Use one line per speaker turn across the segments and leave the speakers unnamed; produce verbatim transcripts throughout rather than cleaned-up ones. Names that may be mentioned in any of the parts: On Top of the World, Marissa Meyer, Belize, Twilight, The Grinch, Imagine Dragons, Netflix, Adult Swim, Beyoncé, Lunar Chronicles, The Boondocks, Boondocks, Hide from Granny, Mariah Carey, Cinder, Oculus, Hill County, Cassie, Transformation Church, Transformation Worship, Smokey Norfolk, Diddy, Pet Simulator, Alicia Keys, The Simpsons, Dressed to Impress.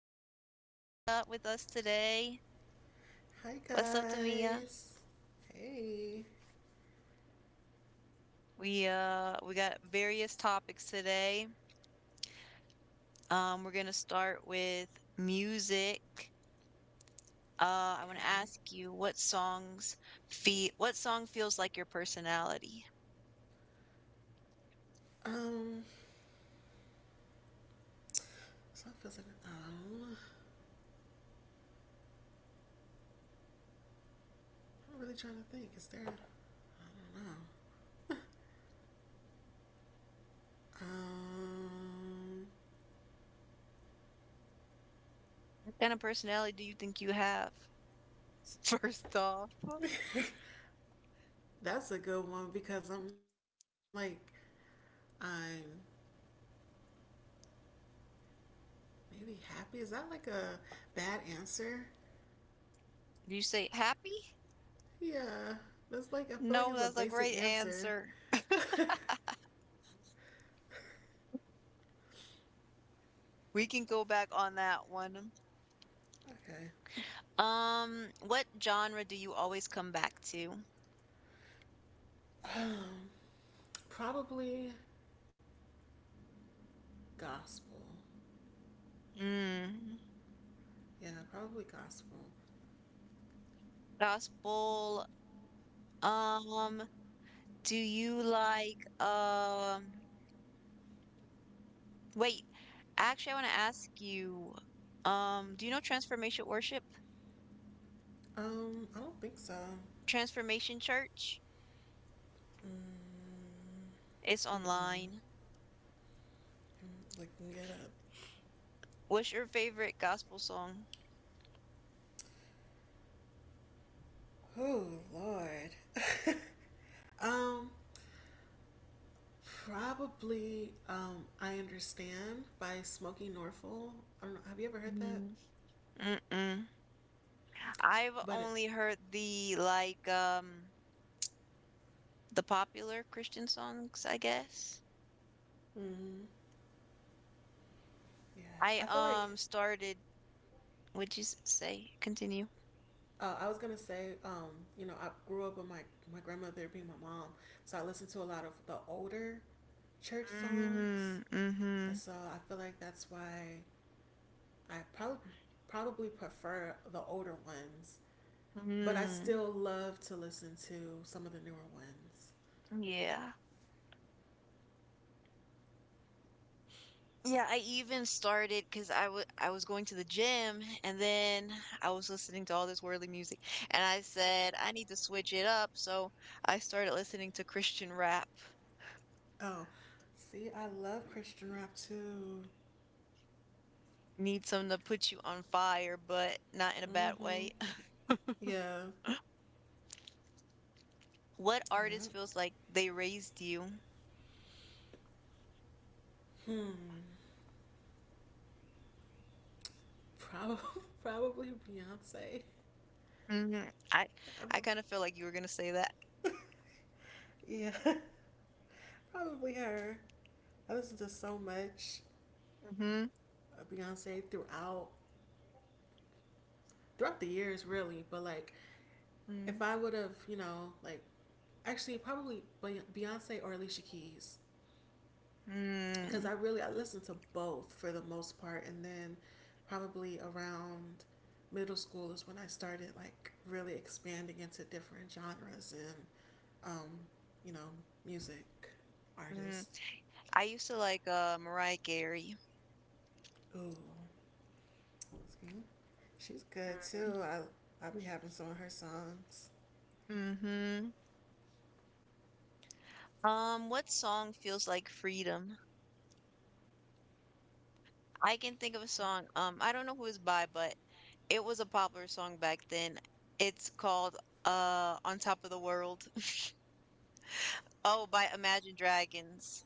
guest, Tamia, with us today.
Hi
What's up, Tamia?
guys. Hey.
We uh we got various topics today. Um, we're gonna start with music. Uh, I want to
Okay.
ask you what songs feel what song feels like your personality?
Um. So it feels like um. I'm really trying to think. Is there? I don't know.
Kind of personality do you think you have? First off, do
Um. that's a good one because I'm like I'm maybe happy. Is that like a bad answer?
you say happy?
Yeah. That's like I feel like
No,
it's a
that's a
basic
great
answer.
answer.
okay.
We can go back on that one. Um, what genre do you always come back to?
Um. Probably gospel.
Mm,
Yeah. Probably gospel.
gospel. Um, do you like um wait, actually I want to ask you um do you know Transformation Worship?
Um, I don't think so.
Transformation Church?
Mm,
It's
mm-mm.
online.
I'm looking it up.
What's your favorite gospel song?
Oh Lord. um, probably. Um, I understand by Smokey Norfolk. I don't know. Have you ever heard that?
Mm. Mm-mm. I've
But it,
only heard the like um the popular Christian songs, I guess.
mm, yeah,
I
I feel like
um started, would you s- say? Continue.
uh, I was gonna say. Um, you know, I grew up with my my grandmother being my mom, so I listened to a lot of the older church songs,
Mm,
and
mm-hmm.
so I feel like that's why I probably probably prefer the older ones, but I
Mm,
still love to listen to some of the newer ones.
yeah. Yeah, I even started because I wa- I was going to the gym and then I was listening to all this worldly music and I said I need to switch it up, so I started listening to Christian rap.
Oh, see, I love Christian rap too.
Need something to put you on fire, but not in a bad way.
Mhm. Yeah.
What
Yeah.
artist feels like they raised you?
Hmm. Probably probably Beyonce.
Hmm. I I kind of feel like you were gonna say that.
yeah. Probably her. I listen to so much
Hmm.
of Beyonce throughout throughout the years, really. But like, if I would have, you know, like actually probably Beyonce or Alicia Keys because
Mm-hmm.
I really I listened to both for the most part, and then probably around middle school is when I started like really expanding into different genres and um, you know, music
Hmm.
artists.
I used to like uh Mariah Carey.
Ooh, she's good too. I I'll be having some of her songs.
Mm-hmm. Um, what song feels like freedom? I can think of a song. Um, I don't know who it's by, but it was a popular song back then. It's called uh On Top of the World. Oh, by Imagine Dragons.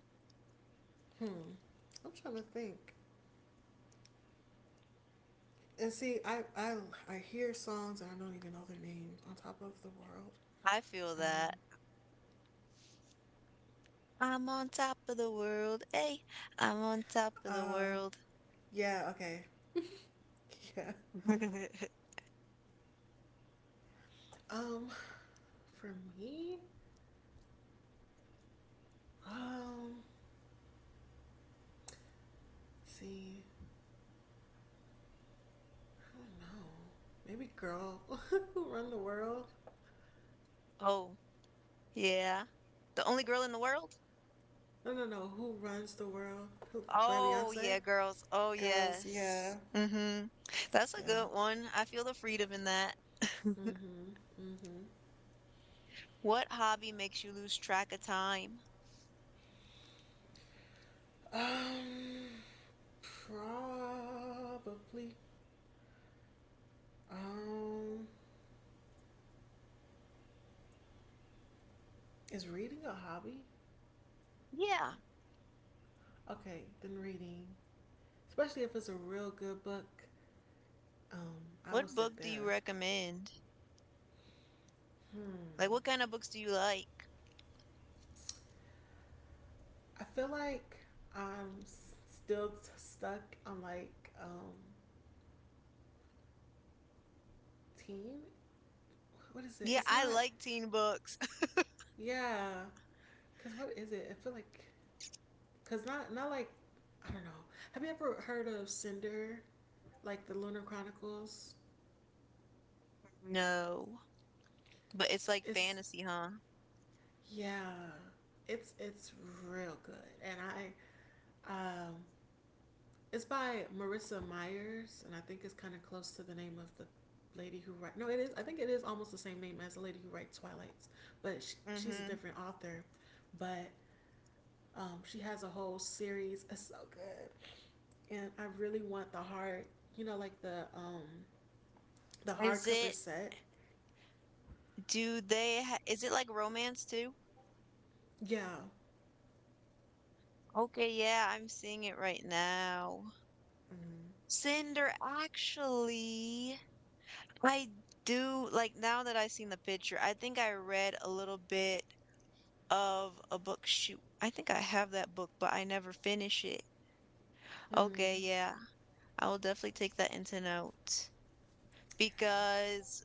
Hmm, I'm trying to think. And see, I I I hear songs and I don't even know their names. On top of the world.
I feel
Um.
that. I'm on top of the world. Hey, I'm on top of the
Uh.
world.
Yeah. Okay. Yeah. Um. For me, um, see, I don't know. Maybe "Girl Who Run the World."
Oh, yeah. The only girl in the world?
No, no, no. Who runs the world? Who by
Oh,
Beyonce?
yeah, girls. Oh,
Girls,
yes.
yeah,
Mm-hmm. That's a
yeah.
good one. I feel the freedom in that.
Mhm, mhm.
What hobby makes you lose track of time?
Um, probably. Um, is reading a hobby?
Yeah.
Okay, then reading, especially if it's a real good book. Um, I will
What
sit
book do you
there.
recommend?
Hmm.
Like, what kind of books do you like?
I feel like I'm still t- stuck on like um teen. What is it?
Yeah,
It's
I
not.
like teen books.
Yeah, cause what is it? I feel like cause not not like I don't know. Have you ever heard of Cinder? Like the Lunar Chronicles?
No. But it's like
It's
fantasy, huh?
yeah. It's it's real good, and I um It's by Marissa Myers, and I think it's kind of close to the name of the lady who writes. No, it is. I think it is almost the same name as the lady who writes Twilights, but sh she's a
Mm-hmm.
different author. But um, she has a whole series. It's so good, and I really want the hard, you know, like the um, the
Is
hardcover
it,
set.
do they, ha- Is it like romance too?
Yeah.
Okay, yeah, I'm seeing it right now.
Mm-hmm.
Cinder, actually, I do, like, now that I've seen the picture, I think I read a little bit of a book. Shoot, I think I have that book, but I never finish it.
Mm.
Okay, yeah, I will definitely take that into note
Yeah.
because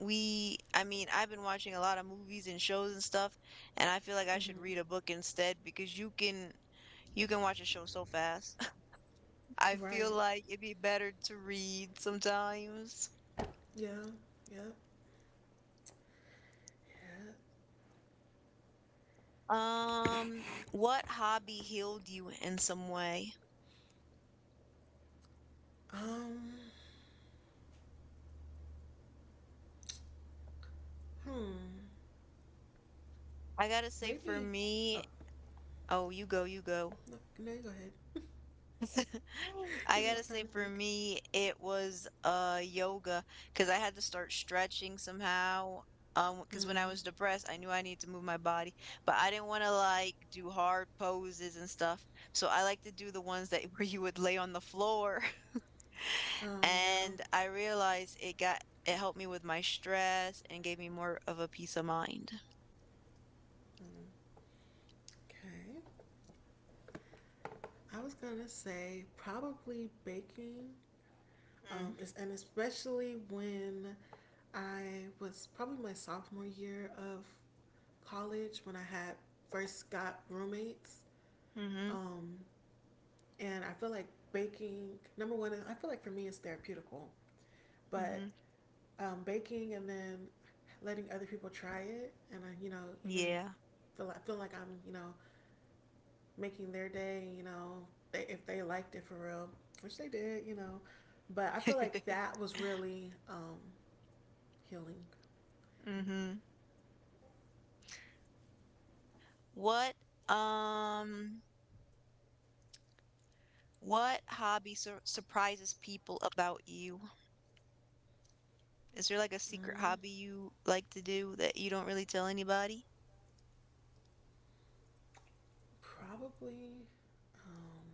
we I mean I've been watching a lot of movies and shows and stuff, and I feel like I should
Mm-hmm.
read a book instead because you can you can watch a show so fast. I
Right.
feel like it'd be better to read sometimes.
Yeah. Yeah.
um what hobby healed you in some way?
Um. Hmm.
I gotta say, for
Maybe.
me.
Oh
Oh you go you go
no. No, you go ahead.
I
Give me
gotta
more
say,
time to
for
think.
me, it was uh yoga because I had to start stretching somehow. Um, because when I
Hmm.
was depressed, I knew I needed to move my body, but I didn't want to like do hard poses and stuff. So I like to do the ones that, where you would lay on the floor.
Oh, yeah.
And I realized it got it helped me with my stress and gave me more of a peace of mind.
Okay. I was going to say probably baking.
Mm,
Um, is, and especially when I was probably my sophomore year of college when I had first got roommates.
mm-hmm,
Um, and I feel like baking, number one, I feel like for me it's therapeutical, but
mm-hmm.
um, baking and then letting other people try it. And I, you know, even
Yeah.
feel, I feel like I'm, you know, making their day, you know, they, if they liked it for real, which they did, you know. But I feel like that was really um, healing.
Mm-hmm. What um what hobby sur surprises people about you? Is there like a secret
Mm,
hobby you like to do that you don't really tell anybody?
probably um,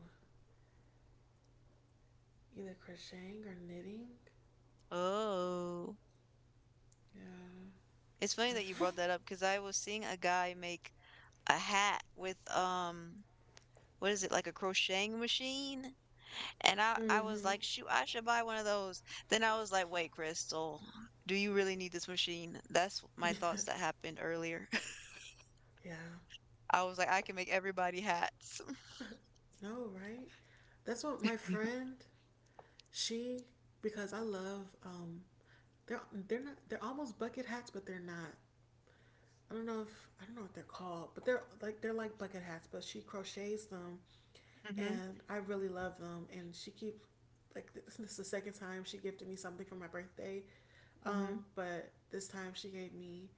either crocheting or knitting.
Oh,
Yeah.
it's funny that you
I've,
brought that up because I was seeing a guy make a hat with um what is it, like a crocheting machine? And I I was
mm-hmm.
like, shoot, I should buy one of those. Then I was like, wait, Crystal, do you really need this machine? That's my thoughts that happened earlier.
yeah.
I was like, I can make everybody hats.
No, right? That's what my friend, she, because I love, um, they're, they're not, they're almost bucket hats, but they're not. I don't know if I don't know what they're called, but they're like they're like bucket hats, but she crochets them,
Hmm.
and I really love them. And she keeps like this, this is the second time she gifted me something for my birthday,
Mhm,
um, but this time she gave me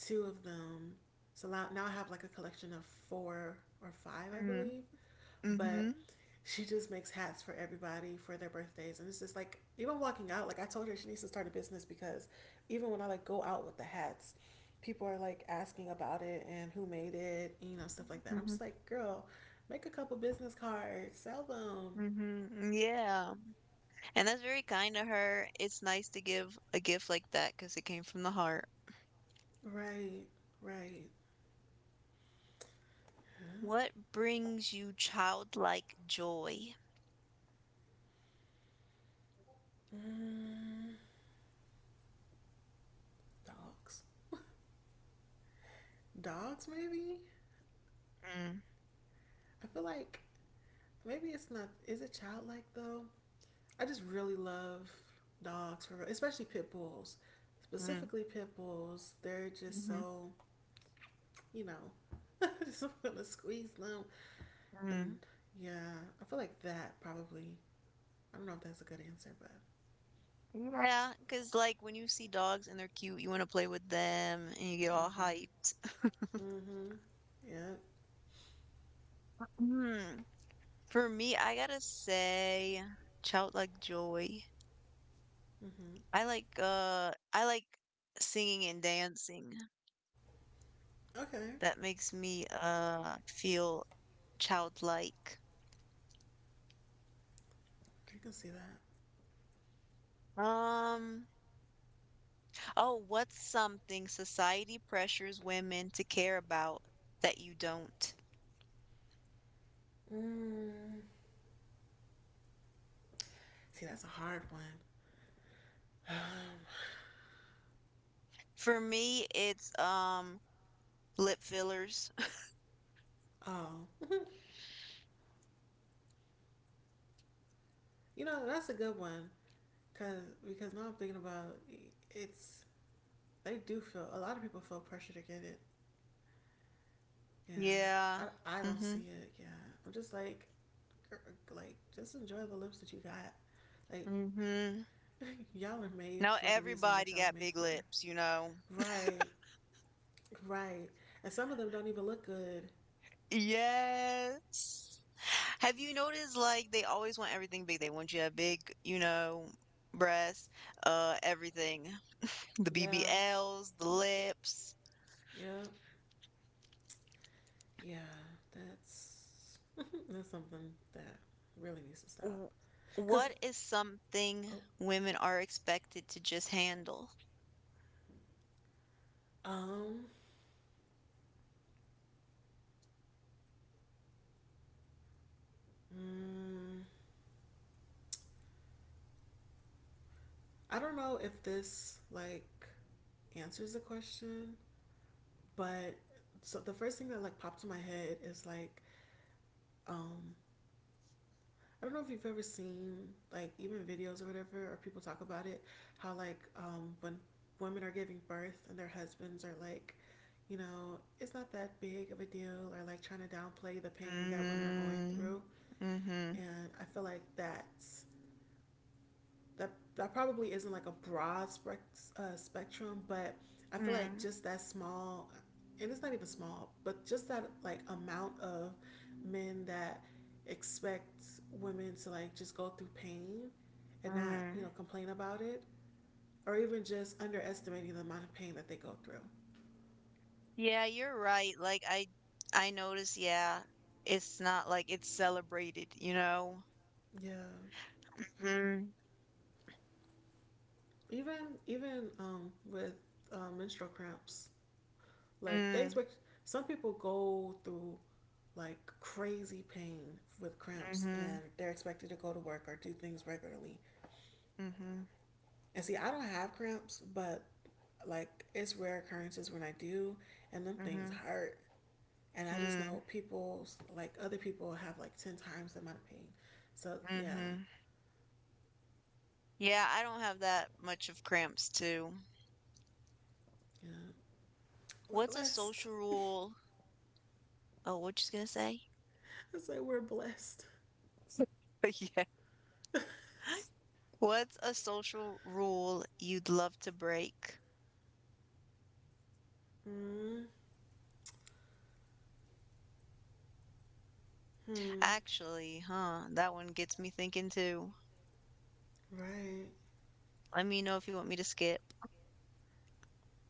two of them. So now, now I have like a collection of four or five, I
mhm,
believe. But
mhm,
she just makes hats for everybody for their birthdays, and it's just like even walking out. Like I told her, she needs to start a business because even when I like go out with the hats, people are like asking about it and who made it, you know, stuff like that. I'm
mhm,
just like, girl, make a couple business cards, sell them.
mhm, yeah, and that's very kind of her. It's nice to give a gift like that because it came from the heart.
Right, right.
What brings you childlike joy?
Mm, dogs. dogs, maybe?
Mm,
I feel like maybe it's not, is it childlike though? I just really love dogs, for especially pit bulls.
mm,
Specifically, pit bulls, they're just
mhm,
so, you know, I just want to squeeze them. And
mm.
yeah, I feel like that probably I don't know if that's a good answer, but
Cause like when you see dogs and they're cute, you want to play with them and you get all
mm-hmm,
hyped.
mm-hmm, yeah,
Hmm, for me, I gotta say childlike joy.
mm-hmm.
I like uh I like singing and dancing.
Okay,
That makes me uh feel childlike.
I can see that.
Um, oh, what's something society pressures women to care about that you don't?
Mm. See, that's a hard one.
For me, it's um lip fillers.
oh, you know that's a good one, cause because now I'm thinking about it's They do feel a lot of people feel pressure to get it. Yeah,
Yeah.
I I don't
Mm-hmm.
see it. Yeah, I'm just like like just enjoy the lips that you got. Like
Mm-hmm.
y'all are made
Now
for the reason that
everybody
y'all are
got
made
big
for.
lips, you know.
Right. Right. And some of them don't even look good.
Yes. Have you noticed like they always want everything big? They want you to have big, you know, breasts, uh, everything. The
Yeah.
B B Ls, the lips.
Yeah. Yeah. That's that's something that really needs to stop.
W-
Cause
What is something
oh,
women are expected to just handle?
um mm, I don't know if this like answers the question, but so the first thing that like popped to my head is like um I don't know if you've ever seen like even videos or whatever, or people talk about it, how like um, when women are giving birth and their husbands are like, you know, it's not that big of a deal, or like trying to downplay the pain that women are going
Mm,
through.
mm-hmm.
And I feel like that's that that probably isn't like a broad spec, uh, spectrum, but I feel like
Mm,
just that small, and it's not even small, but just that like amount of men that expect women to like just go through pain and not you know
mm.
complain about it, or even just underestimating the amount of pain that they go through.
Yeah, you're right. Like I I notice, yeah, it's not like it's celebrated, you know?
Yeah,
Mm,
even even um, with uh, menstrual cramps. Like they
mm,
expect some people go through like crazy pain with cramps
mm-hmm,
and they're expected to go to work or do things regularly.
mm-hmm,
And see, I don't have cramps, but like it's rare occurrences when I do and them
mm-hmm,
things hurt. And I just
mm,
know people like other people have like ten times the amount of pain. So yeah,
mm-hmm. Yeah, I don't have that much of cramps too.
yeah. We're
What's a
blessed.
social rule? Oh, what you gonna say?
I say we're blessed.
Yeah. What's a social rule you'd love to break?
hmm
Actually, huh? That one gets me thinking too.
Right.
Let me know if you want me to skip.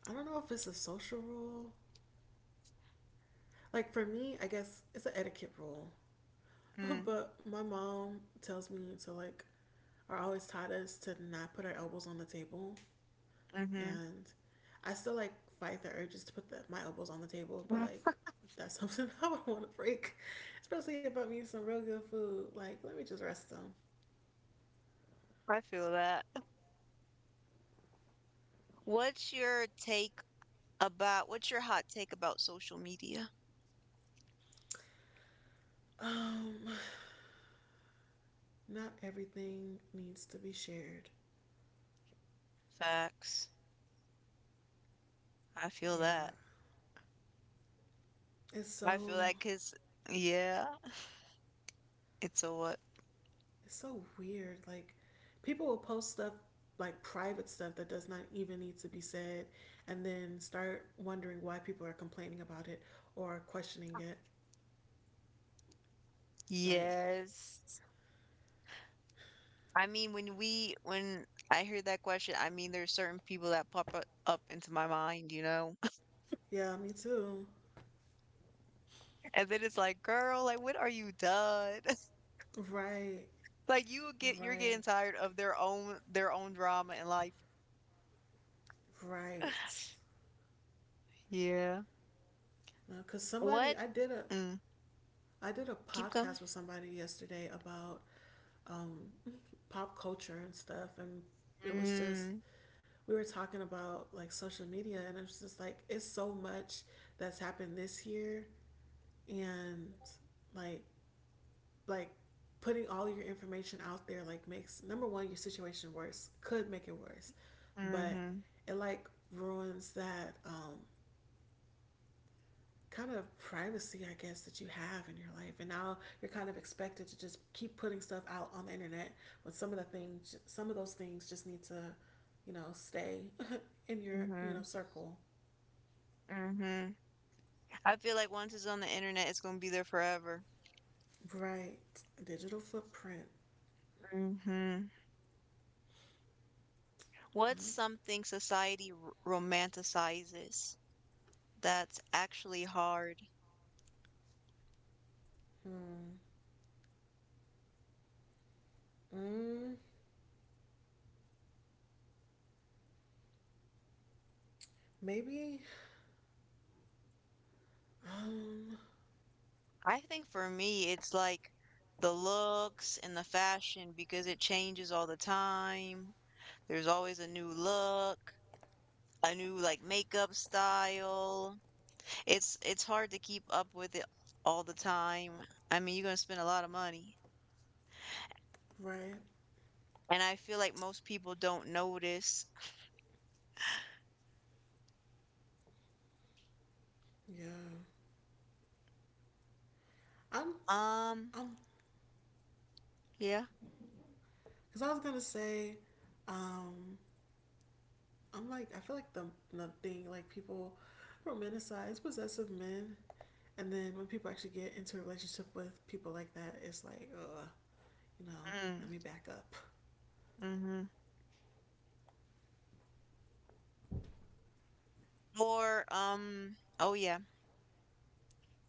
I don't know if it's a social rule like for me, I guess it's an etiquette rule.
Mm,
But my mom tells me to like, or always taught us to not put our elbows on the table,
mm-hmm.
and I still like fight the urges to put the, my elbows on the table, but like that's something I would want to break, especially if I'm eating some real good food. Like, let me just rest them.
I feel that. What's your take about, what's your hot take about social media?
Um, not everything needs to be shared.
Facts. I feel
Yeah,
that.
it's
I feel
so
that because, yeah, it's a what?
It's so weird. Like people will post stuff like private stuff that does not even need to be said and then start wondering why people are complaining about it or questioning it. Like,
Yes. I mean, when we, when I hear that question, I mean, there's certain people that pop up up into my mind, you know?
yeah, me too.
And then it's like, girl, like when are you done?
Right,
Like you get you're getting
right,
tired of their own their own drama in life.
right.
Yeah.
Because
What?
somebody, I did a,
Mm.
I did a
Keep going.
podcast with somebody yesterday about um, pop culture and stuff, and it was just
Mm.
we were talking about like social media and I was just like it's so much that's happened this year and like like putting all your information out there like makes number one your situation worse, could make it worse, but
Mm-hmm.
it like ruins that um kind of privacy, I guess, that you have in your life, and now you're kind of expected to just keep putting stuff out on the internet when some of the things some of those things just need to you know stay in your you
Mm-hmm.
know circle.
Mm-hmm. I feel like once it's on the internet, it's gonna be there forever.
Right. Digital footprint.
Mm-hmm. What's something society r romanticizes that's actually hard?
Hmm. Mm, maybe. Um.
I think for me, it's like the looks and the fashion because it changes all the time. There's always a new look, a new like makeup style. It's it's hard to keep up with it all the time. I mean, you're gonna spend a lot of money,
Right.
and I feel like most people don't notice.
Yeah. I'm.
Um,
I'm.
yeah.
Cause I was gonna say. Um. I'm like. I feel like the the thing like people romanticize possessive men, and then when people actually get into a relationship with people like that, it's like, uh, you know,
Mm,
let me back up.
mm-hmm. Or um, oh yeah.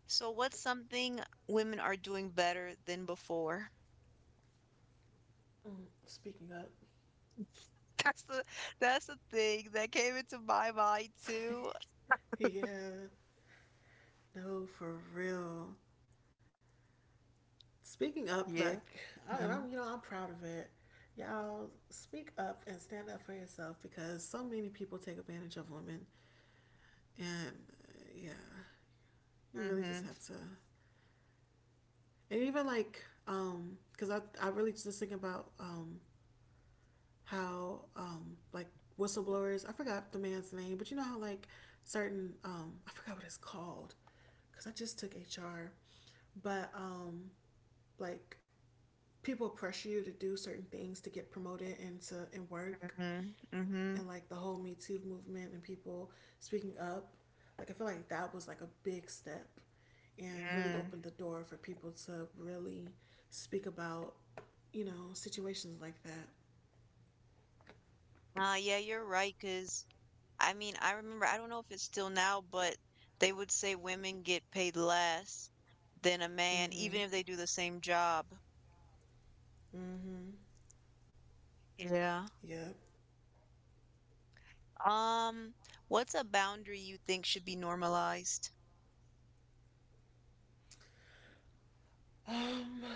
So what's something women are doing better than before?
Mm, speaking up.
That's the that's the thing that came into my mind too.
Yeah. No, for real. Speaking up, like,
Yeah.
I, and I'm, you
Mm-hmm.
know, I'm proud of it. Y'all speak up and stand up for yourself because so many people take advantage of women, and uh, yeah, you really just
Mm-hmm.
have to. And even like, um, because I, I really just think about um how um like whistleblowers. I forgot the man's name, but you know how like certain um I forgot what it's called because I just took H R, but um like people pressure you to do certain things to get promoted and to and work
Mm-hmm.
and like the whole Me Too movement and people speaking up. Like I feel like that was like a big step and really
Mm-hmm.
opened the door for people to really speak about, you know, situations like that.
Uh, yeah, you're right, right. Cause I mean, I remember, I don't know if it's still now, but they would say women get paid less than a man, even
Mhm.
if they do the same job.
Mhm.
Yeah.
Yep.
Um, what's a boundary you think should be normalized?
a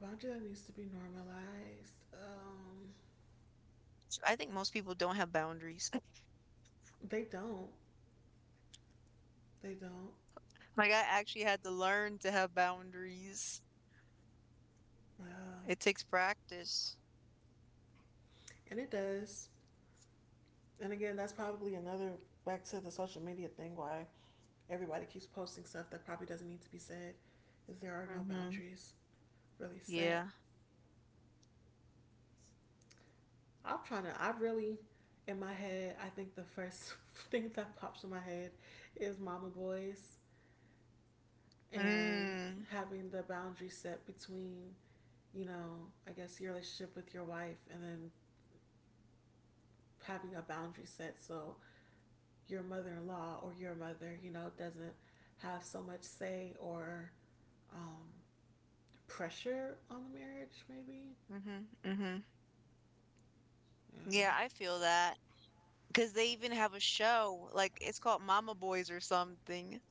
boundary that needs to be normalized. Um
So I think most people don't have boundaries.
They don't. They don't.
Like, I actually had to learn to have boundaries.
Uh,
It takes practice.
and it does. And again, that's probably another back to the social media thing why everybody keeps posting stuff that probably doesn't need to be said is there are no
Mm-hmm.
boundaries really set.
Yeah.
I'm trying to I really in my head, I think the first thing that pops in my head is mama boys and
Mm.
having the boundary set between, you know, I guess your relationship with your wife and then having a boundary set so your mother in law or your mother, you know, doesn't have so much say or um, pressure on the marriage, maybe.
Mm-hmm. Mm-hmm.
Yeah.
Yeah, I feel that. Because they even have a show, like it's called Mama Boys or something,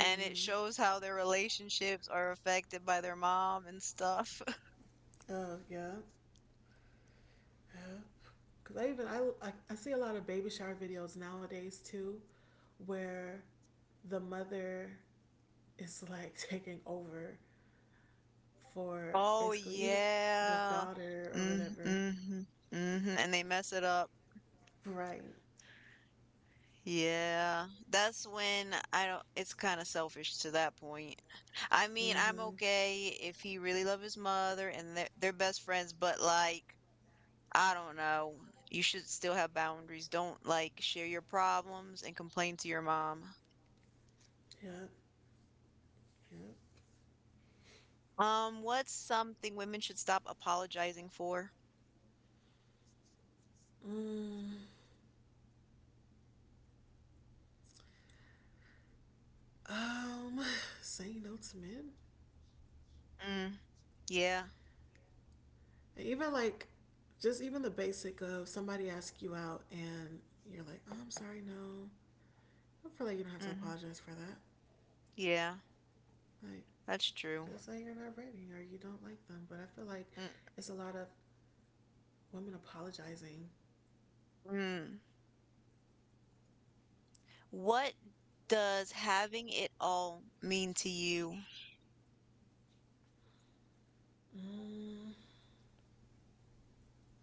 and it shows how their relationships are affected by their mom and stuff.
Oh yeah, yeah. Cause I even I, I I see a lot of baby shower videos nowadays too, where the mother is like taking over for
Oh
basically even the
yeah.
daughter or
Mm,
whatever.
hmm hmm. And they mess it up.
Right.
Yeah. That's when I don't, it's kind of selfish to that point. I mean, I'm
Mm-hmm.
okay if he really loved his mother and they're, they're best friends, but like I don't know. You should still have boundaries. Don't like share your problems and complain to your mom.
Yep. Yep.
Um, what's something women should stop apologizing for?
Mm. Um, saying no to men.
Mm, yeah.
Even like, just even the basic of somebody asks you out and you're like, oh, I'm sorry, no. I feel like you don't have to
Mm,
apologize for that.
yeah.
Like,
That's true.
just say you're not ready or you don't like them. But I feel like
Mm,
it's a lot of women apologizing.
mm. What does having it all mean to you?
Mm,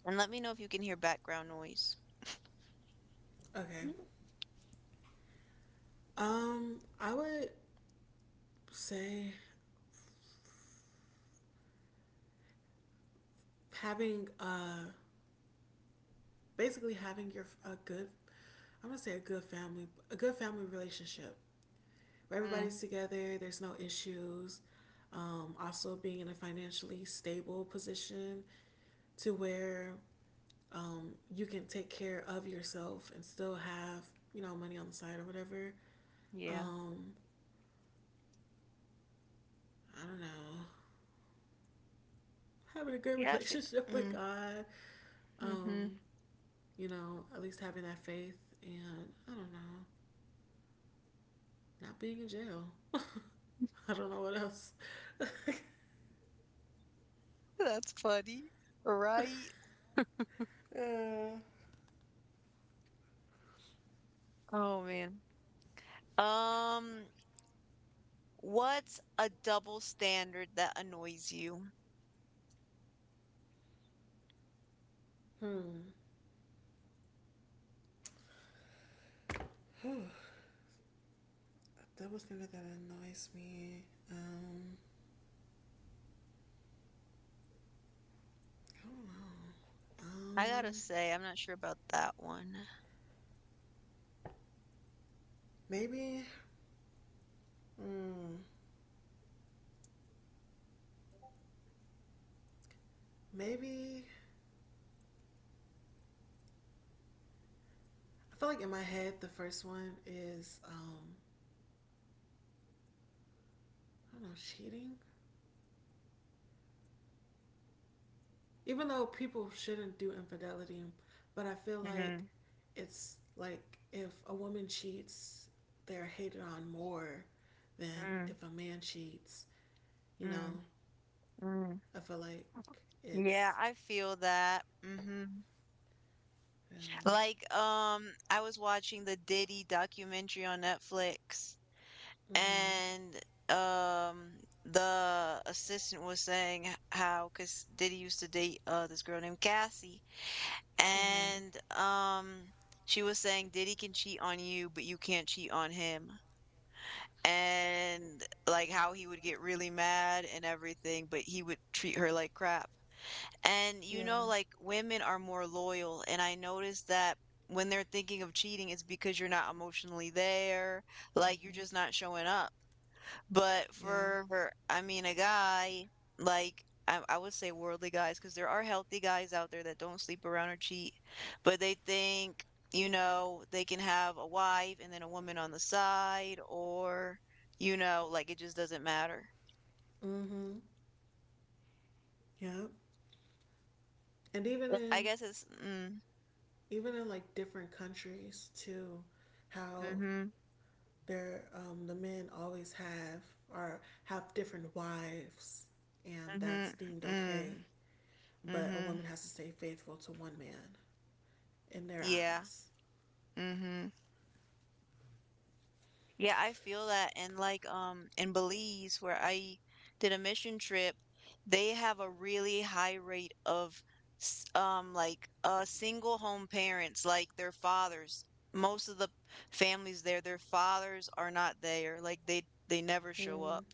And let me know if you can hear background noise.
okay. Um, I would say having uh basically having your a good I'm gonna say a good family a good family relationship
Mm,
everybody's together. There's no issues. Um, also, being in a financially stable position to where um, you can take care of yourself and still have you know money on the side or whatever.
yeah.
Um, I don't know. Having a good
Yeah. I feel,
relationship with
mm,
God.
hmm.
Um, you know, at least having that faith, and I don't know, not being in jail. I don't know what else.
That's funny, right?
Uh,
Oh man. Um, What's a double standard that annoys you?
hmm. Whew. That was something that annoys me. Um, I don't know.
I gotta
Um,
say, I'm not sure about that one.
maybe. Mm, maybe. I feel like in my head the first one is um, I don't know, cheating. Even though people shouldn't do infidelity, but I feel like
Mm,
it's like if a woman cheats, they're hated on more than
mm,
if a man cheats. You know,
mm, mm.
I feel like
Yeah,
it's
I feel that. Hmm.
yeah.
Like, um, I was watching the Diddy documentary on Netflix,
Mhm.
and um, the assistant was saying h- how, because Diddy used to date uh this girl named Cassie,
Mhm.
and um, she was saying Diddy can cheat on you, but you can't cheat on him, and like how he would get really mad and everything, but he would treat her like crap. And you
Yeah.
know, like women are more loyal, and I noticed that when they're thinking of cheating, it's because you're not emotionally there, like you're
Mhm.
just not showing up. But
Yeah.
for, I mean, a guy, like, I, I would say worldly guys, because there are healthy guys out there that don't sleep around or cheat, but they think, you know, they can have a wife and then a woman on the side, or, you know, like it just doesn't matter.
Mm-hmm. Yeah. and even
I
in
guess it's, mm,
even in like different countries too, how
mm-hmm,
their um, the men always have or have different wives, and
mm-hmm,
that's deemed
mm,
okay, but a
mm-hmm,
woman has to stay faithful to one man in their
yeah,
eyes.
mm-hmm. Yeah, I feel that. And like um in Belize where I did a mission trip, they have a really high rate of s- um like uh single home parents, like their fathers. Most of the families there, their fathers are not there. Like they they never show
Mm.
up.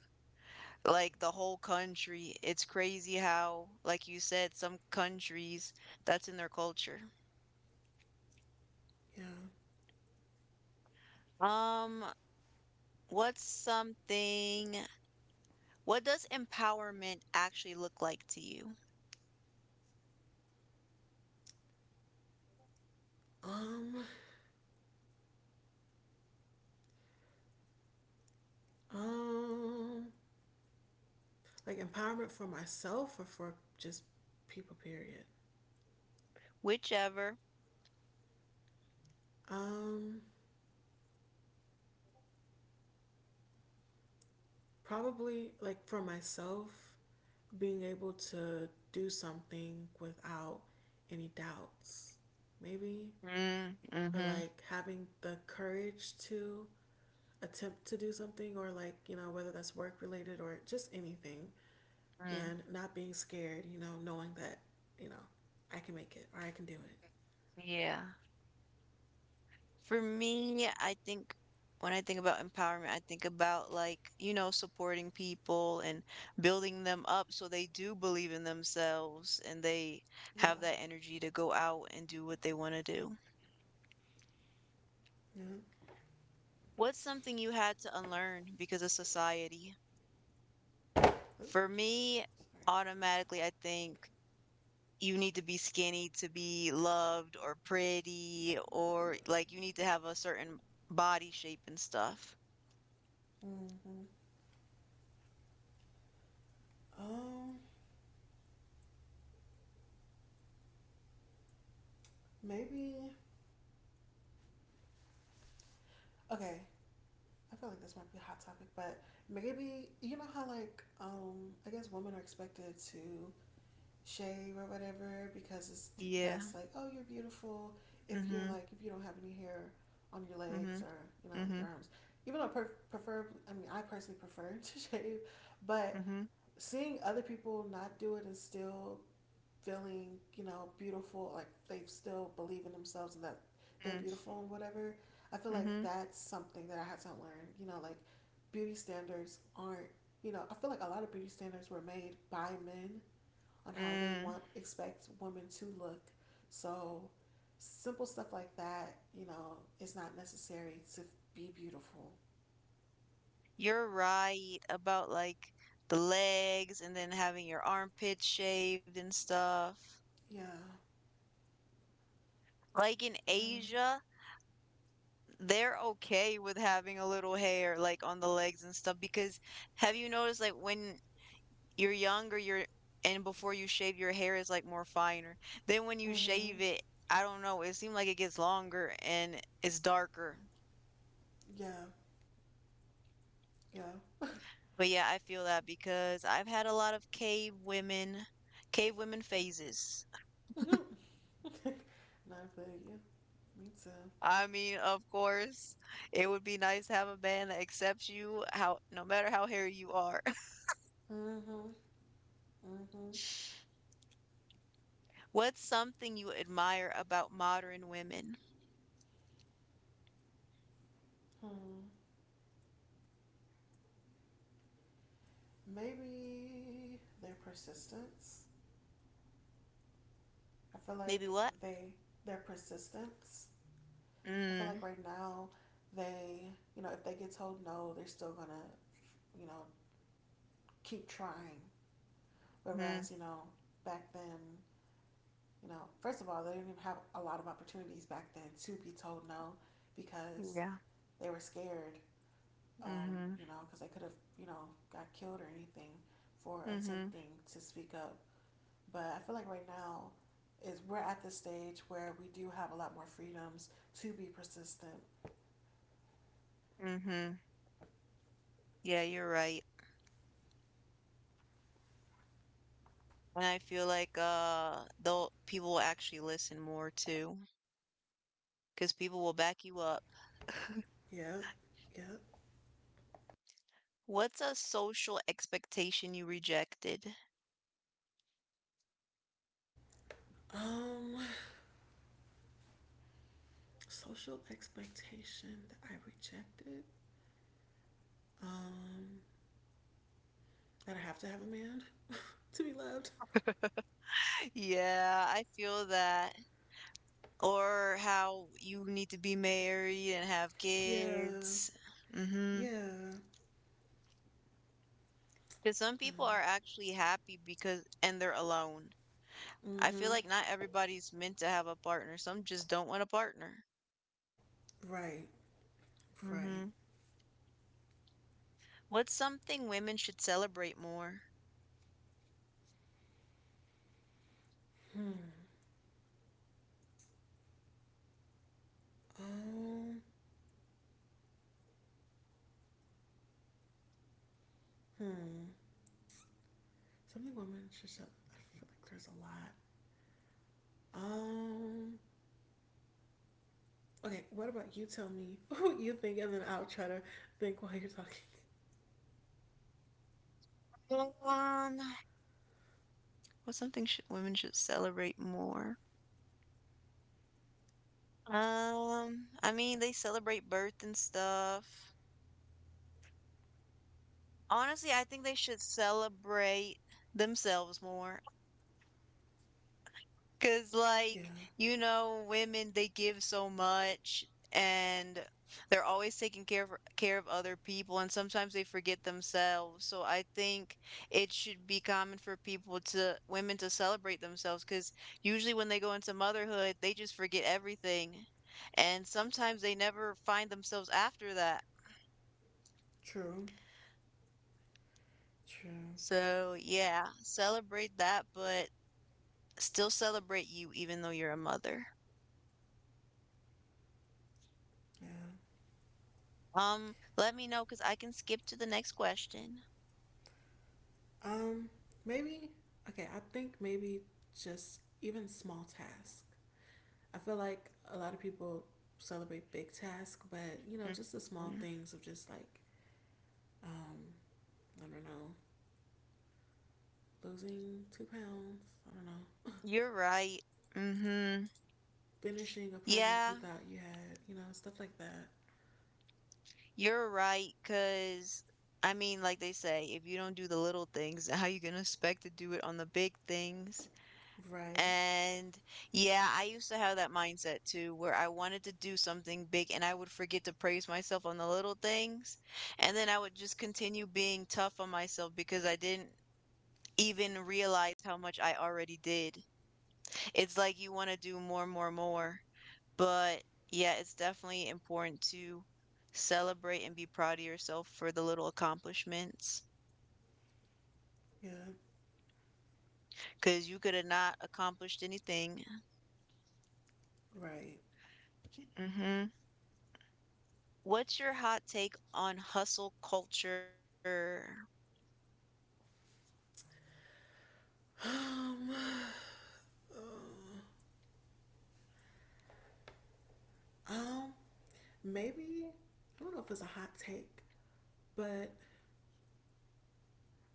Like the whole country, it's crazy how, like you said, some countries that's in their culture.
Yeah.
Um, what's something What does empowerment actually look like to you?
Um. Um. Like empowerment for myself or for just people. Period.
Whichever.
Um. Probably like for myself, being able to do something without any doubts, maybe,
Mm,
or
mhm,
like having the courage to attempt to do something, or like, you know, whether that's work related or just anything,
mm,
and not being scared, you know, knowing that, you know, I can make it or I can do it.
yeah. For me, I think when I think about empowerment, I think about, like, you know, supporting people and building them up so they do believe in themselves and they
Yeah.
have that energy to go out and do what they want to do.
Yeah.
What's something you had to unlearn because of society? For
Oops, shucks.
me,
Sorry.
automatically, I think you need to be skinny to be loved or pretty, or like you need to have a certain body shape and stuff.
Mm-hmm. Um, Maybe. Okay. I feel like this might be a hot topic, but maybe you know how like um I guess women are expected to shave or whatever because it's
Yeah.
that's like oh you're beautiful if you're
Mhm.
like if you don't have any hair on your legs
Mhm.
or you know in your
Mhm.
arms even though I per- prefer, I mean, I personally prefer to shave, but
Mhm.
seeing other people not do it and still feeling, you know, beautiful, like they still believe in themselves and that they're
Mm.
beautiful and whatever. I feel like
Mhm.
that's something that I had to learn. You know, like beauty standards aren't, you know, I feel like a lot of beauty standards were made by men on how they
Mm.
want expect women to look. So simple stuff like that, you know, it's not necessary to be beautiful.
You're right about like the legs and then having your armpits shaved and stuff.
Yeah.
Like in
Yeah.
Asia, they're okay with having a little hair like on the legs and stuff because have you noticed like when you're younger, you're and before you shave your hair is like more finer. Then when you shave
Mhm.
it, I don't know, it seemed like it gets longer and it's darker.
Yeah. Yeah.
But yeah, I feel that because I've had a lot of cave women, cave women phases.
Not for you. Me too.
I mean, of course, it would be nice to have a man that accepts you how no matter how hairy you are.
Mhm.
What's something you admire about modern women?
Maybe their persistence. I feel
Maybe
like
what?
they their persistence. I feel like
Mm,
right now they, you know, if they get told no, they're still gonna, you know, keep trying.
hmm.
Whereas, you know, back then, you know, first of all, they didn't even have a lot of opportunities back then to be told no because
Yeah.
they were scared, um,
Mm-hmm.
you know, because they could have, you know, got killed or anything for
Mm-hmm.
attempting to speak up. But I feel like right now is we're at the stage where we do have a lot more freedoms to be persistent.
Mm-hmm. Yeah, you're right. And I feel like uh they'll people will actually listen more too, because people will back you up.
Yep. Yep.
What's a social expectation you rejected?
Um social expectation that I rejected. Um that I have to have a man to be loved.
Yeah, I feel that. Or how you need to be married and have
Yeah.
kids. Mm-hmm.
Yeah.
Because some
Uh,
people are actually happy because, and they're alone. I feel
mm-hmm.
like not everybody's meant to have a partner. Some just don't want a partner.
Right. Right.
Hmm. What's something women should celebrate more?
Um hmm. Something women should shut I feel like there's a lot. Um Okay, what about you tell me what you think and then I'll try to think while you're talking.
Um, what's something should, women should celebrate more? Um, I mean, they celebrate birth and stuff. Honestly, I think they should celebrate themselves more. Cause like,
Yeah,
you know, women they give so much and they're always taking care of care of other people and sometimes they forget themselves. So I think it should be common for people to women to celebrate themselves cuz usually when they go into motherhood, they just forget everything. And sometimes they never find themselves after that.
true, true.
So yeah, celebrate that, but still celebrate you even though you're a mother.
Yeah.
Um, let me know because I can skip to the next question.
Um, Maybe, okay, I think maybe just even small tasks. I feel like a lot of people celebrate big tasks, but you know, just the small
Mhm.
things of just like, um, I don't know, losing two pounds, I don't know,
You're right. Mm-hmm.
finishing a project you
Yeah,
thought you had, you know, stuff like that.
you're right. Because, I mean, like they say, if you don't do the little things, how you gonna expect to do it on the big things?
Right.
And yeah, I used to have that mindset too, where I wanted to do something big and I would forget to praise myself on the little things. And then I would just continue being tough on myself because I didn't even realize how much I already did. It's like you want to do more, more, more. But yeah, it's definitely important to celebrate and be proud of yourself for the little accomplishments
Yeah.
because you could have not accomplished anything.
Right.
Hmm. What's your hot take on hustle culture?
Um, Uh, Um, Maybe I don't know if it's a hot take, but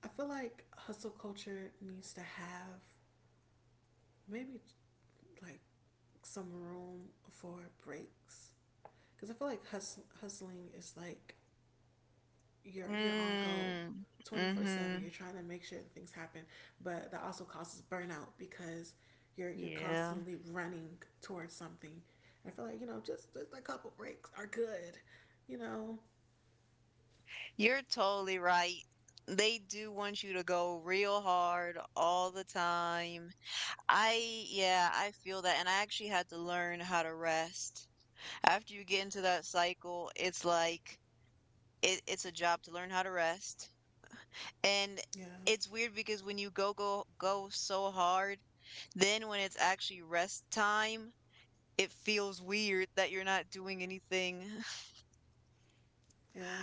I feel like hustle culture needs to have maybe like some room for breaks because I feel like hustle, hustling is like you're you're on go
Mm,
twenty-four seven,
mm-hmm.
you're trying to make sure that things happen, but that also causes burnout because you're you're
Yeah.
constantly running towards something, and I feel like you know just just a couple breaks are good, you know.
You're totally right. They do want you to go real hard all the time. I yeah, I feel that, and I actually had to learn how to rest. After you get into that cycle, it's like it, it's a job to learn how to rest. And
Yeah.
it's weird because when you go go go so hard, then when it's actually rest time, it feels weird that you're not doing anything.
Yeah.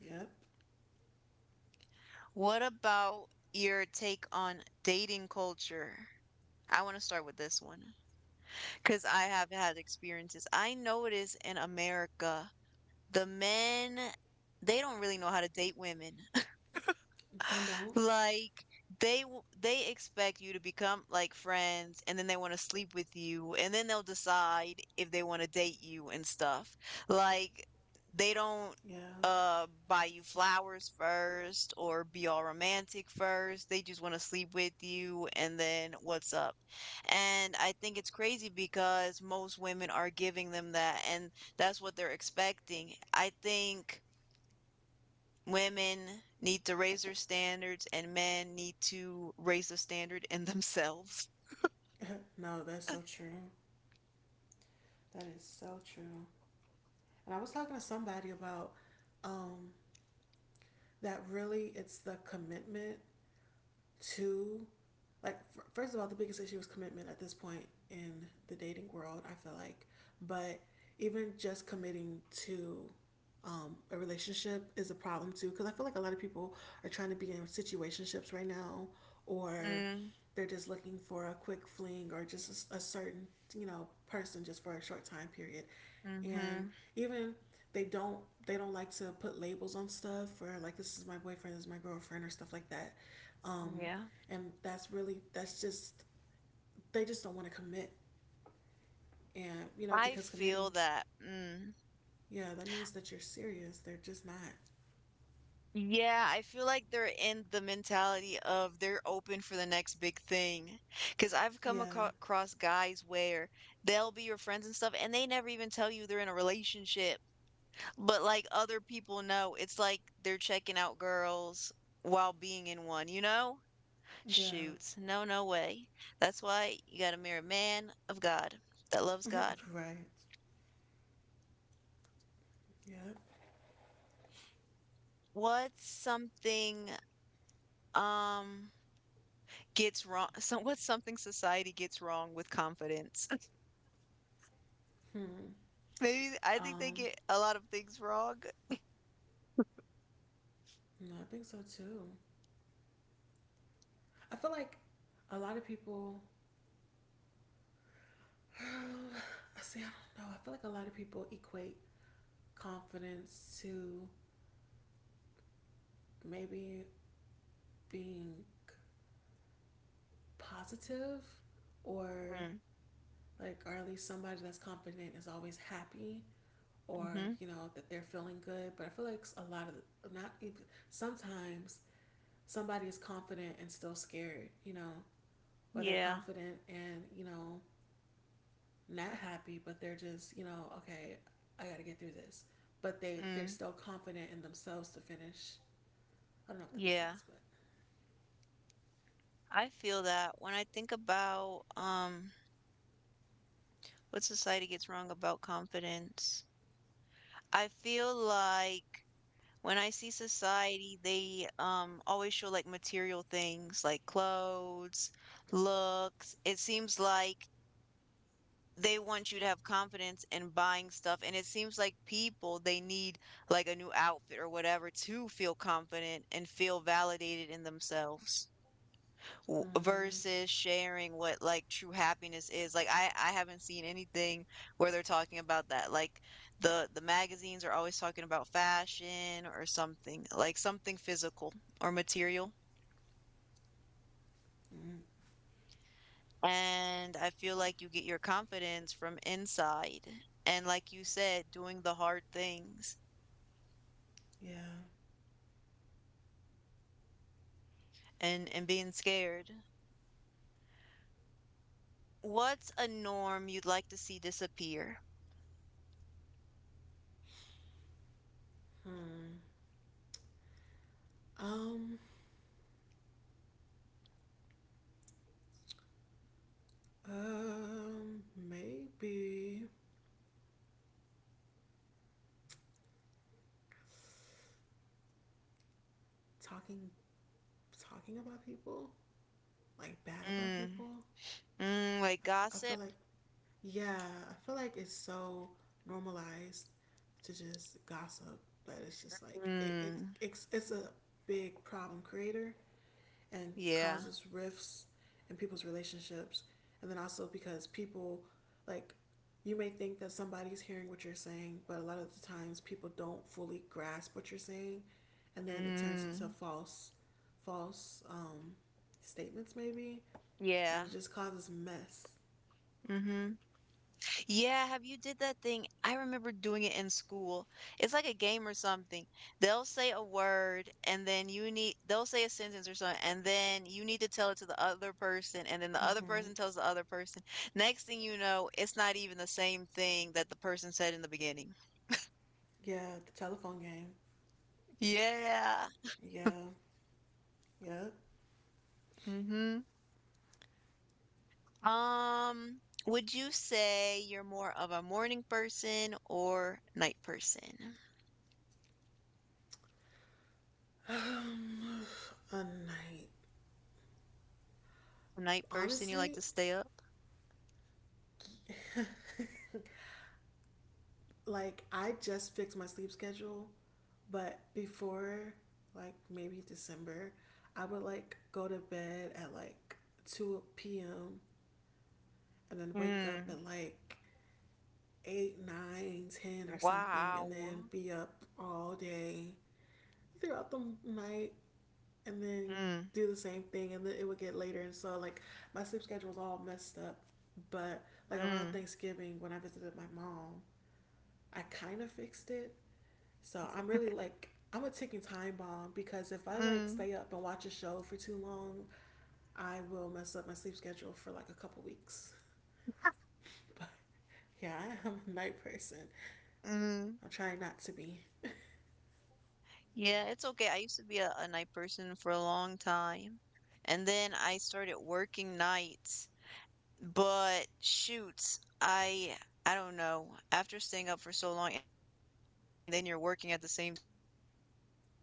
Yep.
What about your take on dating culture? I want to start with this one because I have had experiences. I notice in America the men they don't really know how to date women.
And don't.
Like they w- they expect you to become like friends and then they want to sleep with you and then they'll decide if they want to date you and stuff. Like they don't
Yeah.
uh buy you flowers first or be all romantic first. They just want to sleep with you and then what's up. And I think it's crazy because most women are giving them that and that's what they're expecting. I think women need to raise their standards and men need to raise the standard in themselves.
No, that's so true. That is so true. And I was talking to somebody about um that really it's the commitment. Two, like f- first of all, the biggest issue is commitment at this point in the dating world. I feel like, but even just committing to um, a relationship is a problem too because I feel like a lot of people are trying to be in situationships right now, or
Mm,
they're just looking for a quick fling or just a a certain, you know, person just for a short time period, and
mhm.
even they don't they don't like to put labels on stuff or like this is my boyfriend this is my girlfriend or stuff like that, um,
Yeah.
and that's really that's just they just don't want to commit, and you know
I
because committing,
feel that. Mm.
yeah, that means that you're serious, they're just not.
Yeah, I feel like they're in the mentality of they're open for the next big thing. Because I've come aco-
Yeah.
across guys where they'll be your friends and stuff, and they never even tell you they're in a relationship. But like other people know, it's like they're checking out girls while being in one, you know?
Yeah.
Shoots. No, no way. That's why you gotta marry a man of God that loves God.
Right. Yep.
What's something um gets wrong so what's something society gets wrong with confidence?
Hmm.
Maybe I think they
um
get a lot of things wrong.
no, I think so too. I feel like a lot of people i say i don't know, I feel like a lot of people equate confidence to maybe being positive, or
Mm,
like or at least somebody that's confident is always happy or
hmm.
you know that they're feeling good, but I feel like a lot of not even sometimes somebody is confident and still scared, you know, or they're
Yeah.
confident and you know not happy but they're just you know okay I gotta get through this, but they they're
Mm,
still confident in themselves to finish. I don't know if that makes
yeah.
sense, but
I feel that when I think about um what society gets wrong about confidence. I feel like when I see society, they um always show like material things like clothes, looks. It seems like they want you to have confidence in buying stuff, and it seems like people they need like a new outfit or whatever to feel confident and feel validated in themselves w-
mm,
versus sharing what like true happiness is like i i haven't seen anything where they're talking about that like the the magazines are always talking about fashion or something, like something physical or material,
mm.
and I feel like you get your confidence from inside, and like you said, doing the hard things
Yeah.
and and being scared. What's a norm you'd like to see disappear?
Hmm. um um Maybe talking talking about people, like bad about
Mm,
people.
mm like
I feel
gossip.
like, yeah, I feel like it's so normalized to just gossip, but it's just like it, it
Mm.
it's it's a big problem creator and
Yeah.
causes rifts in people's relationships, and then also because people like you may think that somebody's hearing what you're saying but a lot of the times people don't fully grasp what you're saying, and then it turns into
Mm.
false false um, statements, maybe,
Yeah.
and it just causes mess.
Mhm. Yeah, have you did that thing I remember doing it in school. It's like a game or something. They'll say a word and then you need they'll say a sentence or something and then you need to tell it to the other person and then the other
Mm-hmm.
person tells the other person. Next thing you know, it's not even the same thing that the person said in the beginning.
Yeah, the telephone game.
Yeah.
Yeah, yeah.
Mhm. Um, would you say you're more of a morning person or night person?
Um, a night.
Night person, you like to
Honestly,
stay up?
like I just fixed my sleep schedule, but before like maybe December, I would like go to bed at like two p m and then wake up
Mm.
at like eight, nine, ten or something and then
Wow.
be up all day throughout the night and then
Mm.
do the same thing and then it would get later and so like my sleep schedule was all messed up, but like around
Mm.
thanksgiving when I visited my mom I kind of fixed it, so I'm really like I'm a ticking time bomb because if I like
Mm.
stay up and watch a show for too long I will mess up my sleep schedule for like a couple weeks. But yeah, I'm a night person.
Mm.
I'm trying not to be.
Yeah, it's okay. I used to be a, a night person for a long time. And then I started working nights. But shoots, I I don't know. After staying up for so long and then you're working at the same time, it kind of gets you and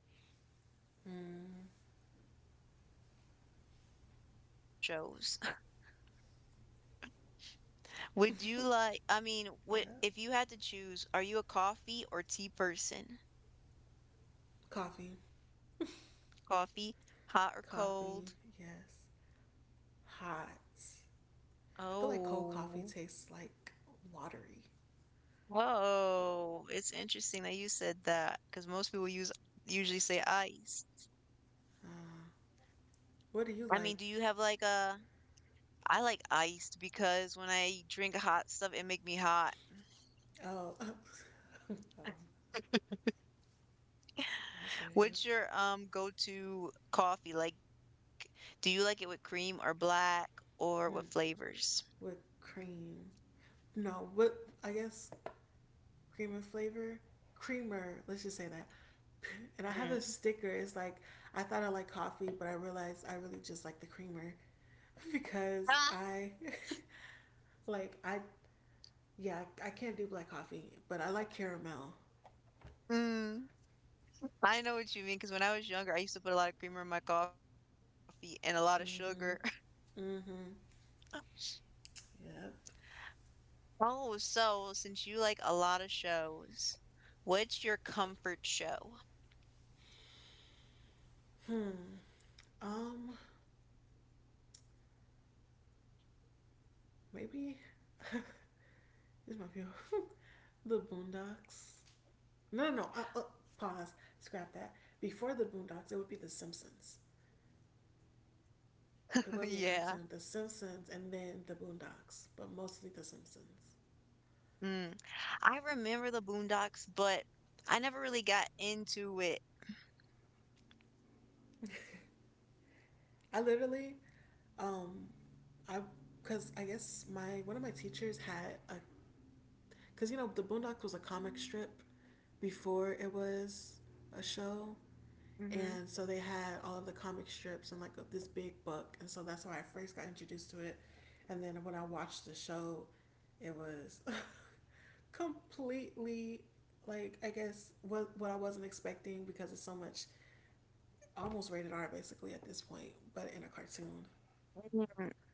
uh it's hard on the
Mm.
body, especially if you're working, but at least you're watching your shows. Would you like, I mean, what
Yeah.
if you had to choose, are you a coffee or tea person?
coffee
Coffee, hot or cold?
Coffee, yes, hot. I feel like cold coffee
Oh,
tastes like watery.
whoa. It's interesting that you said that because most people use usually say ice.
Uh, what do you
I
like?
mean, do you have like a, I like iced because when I drink hot stuff, it make me hot.
Oh, oh, I'll give you.
What's your um go-to coffee? Like, do you like it with cream or black or what
Mm,
flavors?
with cream. No, with I guess cream and flavor? Creamer, let's just say that. And I have a sticker.
Mm.
It's like, I thought I liked coffee, but I realized I really just like the creamer because
Ah.
I, like, I, yeah, I can't do black coffee, but I like caramel.
Mm. I know what you mean because when I was younger, I used to put a lot of creamer in my coffee and a lot of
Mm
sugar.
hmm. Mm hmm. Yep.
Oh, so since you like a lot of shows, what's your comfort show?
Hmm. Um, Maybe this might be the Boondocks. No, no, no. Uh, uh, pause. Scrap that. Before the Boondocks, it would be the Simpsons. It would be a
Yeah.
cartoon, the Simpsons, and then the Boondocks, but mostly the Simpsons.
Mm. I remember the Boondocks, but I never really got into it.
I literally, um, I, cause I guess my one of my teachers had a, cause you know the Boondocks was a comic strip before it was a show.
Hmm.
And so they had all of the comic strips and like this big book, and so that's how I first got introduced to it. And then when I watched the show, it was completely, like I guess what, what I wasn't expecting, because it's so much almost rated R basically at this point, but in a cartoon.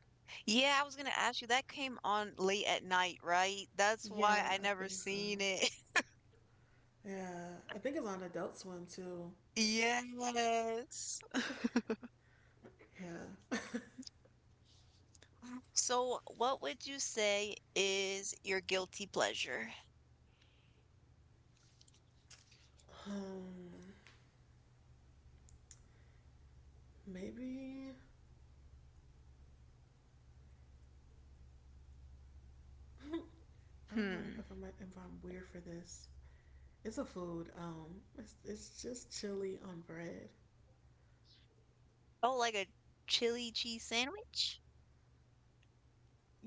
Yeah, I was gonna ask you, that came on late at night, right? That's why I
Yeah, I
never
think so.
seen it.
Yeah, I think it's on Adult Swim too.
Yes.
yeah
So, what would you say is your guilty pleasure?
um Maybe. I
Hmm.
don't know if i'm if I'm weird for this. It's a food. Um, it's, it's just chili on bread.
Oh, like a chili cheese sandwich?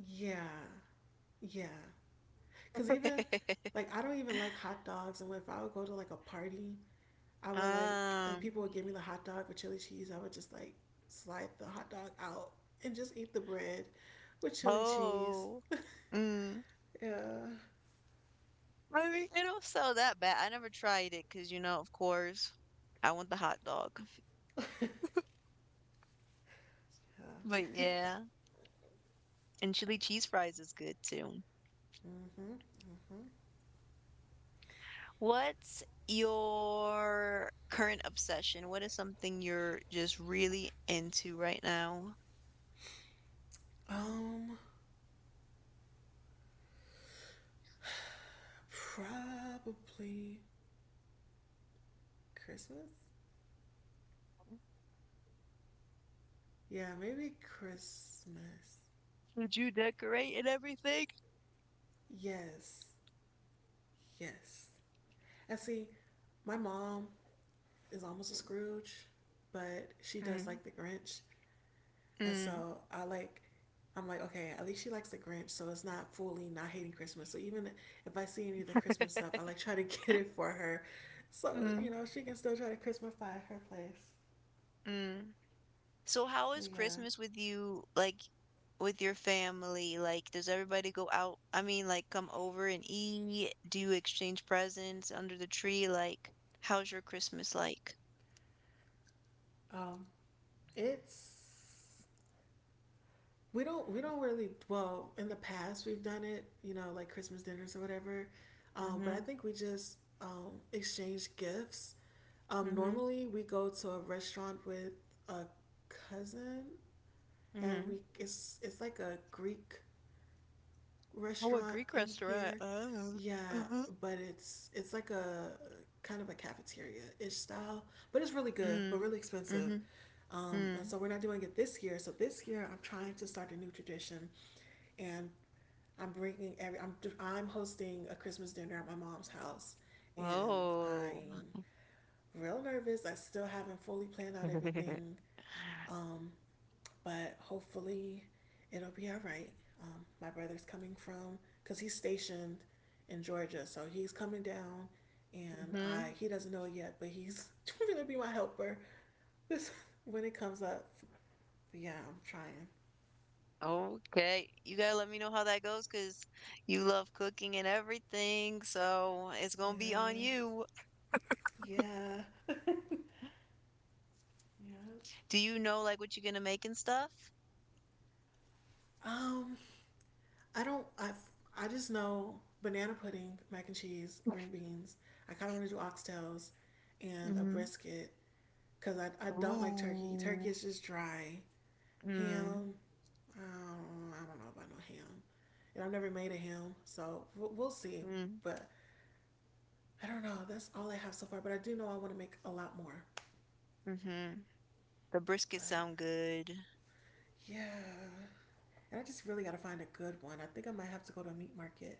Yeah, yeah. Cause even like I don't even like hot dogs, and if I would go to like a party, I would like, and people
Um.
would give me the hot dog with chili cheese. I would just like slide the hot dog out and just eat the bread with chili cheese.
Oh, mm.
Yeah.
I mean, it don't sound that bad. I never tried it because, you know, of course, I want the hot dog. But yeah, and chili cheese fries is good too. What's your current obsession? What is something you're just really into right now?
Um, Probably Christmas. Yeah, maybe Christmas.
Did you decorate and everything?
Yes, yes. And see, my mom is almost a Scrooge, but she does
Mm,
like the Grinch, and
mm,
so I like. I'm like, okay, at least she likes the Grinch, so it's not fully not hating Christmas. So even if I see any of the Christmas stuff, I like try to get it for her, so you
mm,
know she can still try to Christmasify her place.
mm. So how
But
is
yeah,
Christmas with you, like with your family? Like, does everybody go out? I mean, like, come over and eat? Do you exchange presents under the tree? Like, how's your Christmas like?
um, it's we don't we don't really, well, in the past we've done it, you know, like Christmas dinners or whatever. Um, but
Mm-hmm,
I think we just um, exchange gifts. Um,
mm-hmm,
normally we go to a restaurant with a cousin, and
mm-hmm.
we it's it's like a Greek
Oh, a
restaurant
Greek
in
restaurant.
here.
Oh,
Yeah,
uh-huh.
but it's it's like a kind of a cafeteria ish style, but it's really good, but
Mm,
really expensive.
mm-hmm,
Um, and
mm.
so we're not doing it this year. So this year I'm trying to start a new tradition, and I'm bringing every I'm I'm hosting a Christmas dinner at my mom's house, and
Oh.
I'm real nervous. I still haven't fully planned out everything. Um, but hopefully it'll be all right. Um, my brother's coming from because he's stationed in Georgia, so he's coming down, and I,
Mm-hmm.
he doesn't know it yet, but he's gonna be my helper. This when it comes up. Yeah, I'm trying.
Okay, you gotta let me know how that goes because you love cooking and everything, so it's gonna be on
Yeah,
you.
yeah, yeah.
Do you know like what you're gonna make and stuff?
Um, I don't. I I just know banana pudding, mac and cheese, green beans. I kind of want to do oxtails and a
Hmm.
brisket, because I, I don't like turkey. Turkey
Ooh.
is just dry.
Mm.
Ham, I don't, I don't know about no ham. And I've never made a ham, so we'll, we'll see.
Mm.
But I don't know. That's all I have so far. But I do know I want to make a lot more.
Mm-hmm. The brisket
But
sound good.
yeah. And I just really got to find a good one. I think I might have to go to a meat market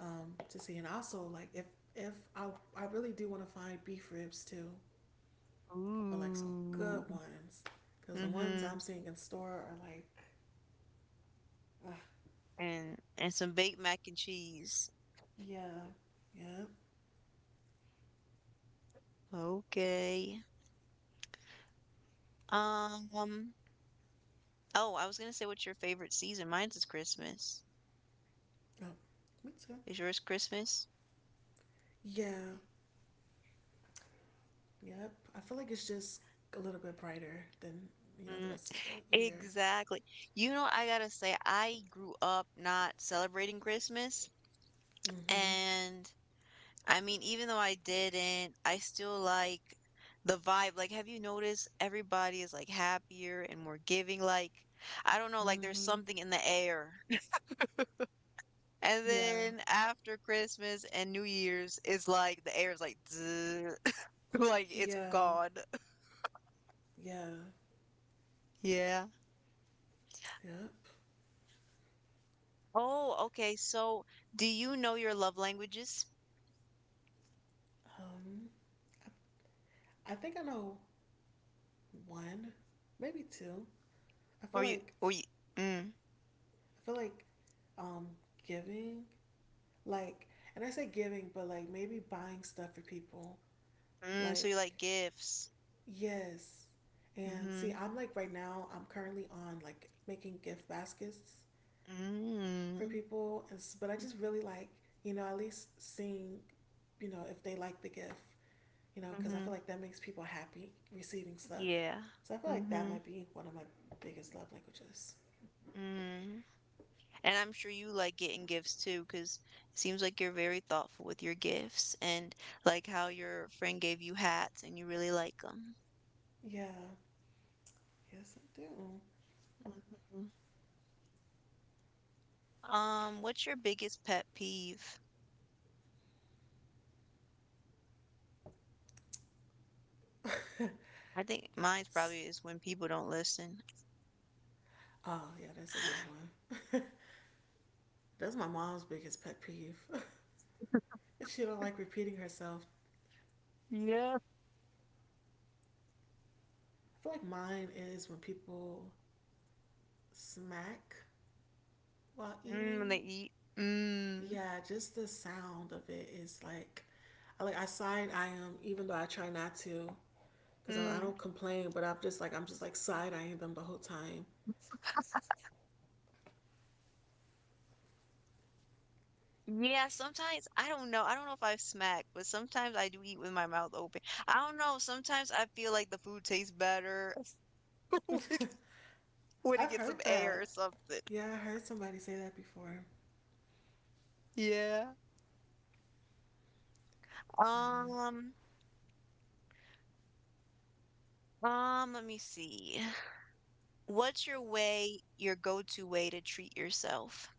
um, to see. And also, like, if if I, I really do want to find beef ribs too, but like some good
Ooh.
ones. Because the ones
Mm-hmm.
I'm seeing in store are like, ugh,
And and some baked mac and cheese.
yeah, yeah.
Okay. Um. Oh, I was gonna say what's your favorite season? Mine's is Christmas.
Oh, me too.
Is yours Christmas?
Yeah, yep. I feel like it's just a little bit brighter than you know the
Mm.
rest of the year.
Exactly. You know, I gotta say, I grew up not celebrating Christmas,
Mm-hmm.
and I mean, even though I didn't, I still like the vibe. Like, have you noticed everybody is like happier and more giving? Like, I don't know, like there's
Mm-hmm.
something in the air. And
Yeah.
then after Christmas and New Year's, it's like the air is like, like it's
Yeah.
gone.
Yeah.
Yeah.
Yep.
Oh, okay. So, do you know your love languages?
Um, I I think I know one, maybe two. I feel
Or you,
like
or you, mm.
I feel like um giving, like, and I say giving, but like maybe buying stuff for people.
Mm, so
Like.
you like gifts.
Yes. And see,
Mm.
I'm like right now, I'm currently on like making gift baskets for
Mhm.
people, and s- but I
Mm.
just really like, you know, at least seeing, you know, if they like the gift, you know,
Mm,
because I feel
mhm.
like that makes people happy receiving stuff.
Yeah.
So I feel
Mm.
like that
Mhm.
might be one of my biggest love languages.
Mm. And I'm sure you like getting gifts too, because it seems like you're very thoughtful with your gifts and like how your friend gave you hats and you really like them.
Yeah. Yes, I do.
Mhm. Um, what's your biggest pet peeve? I think mine's
S-
probably is when people don't listen.
oh, yeah, that's a good one. That's my mom's biggest pet peeve. She don't like repeating herself.
Yeah.
I feel like mine is when people smack while
Mm, when they
eating.
eat. Mm.
Yeah, just the sound of it is like, like I side eye them even though I try not to, cause I
Mm.
don't complain. But I'm just like I'm just like side eyeing them the whole time.
Yeah, sometimes I don't know. I don't know if I've smacked, but sometimes I do eat with my mouth open. I don't know. Sometimes I feel like the food tastes better when when it
I've
gets
heard
some air or
that.
something.
Yeah, I heard somebody say that before.
Yeah. Um, um, let me see. What's your way, your go-to way to treat yourself?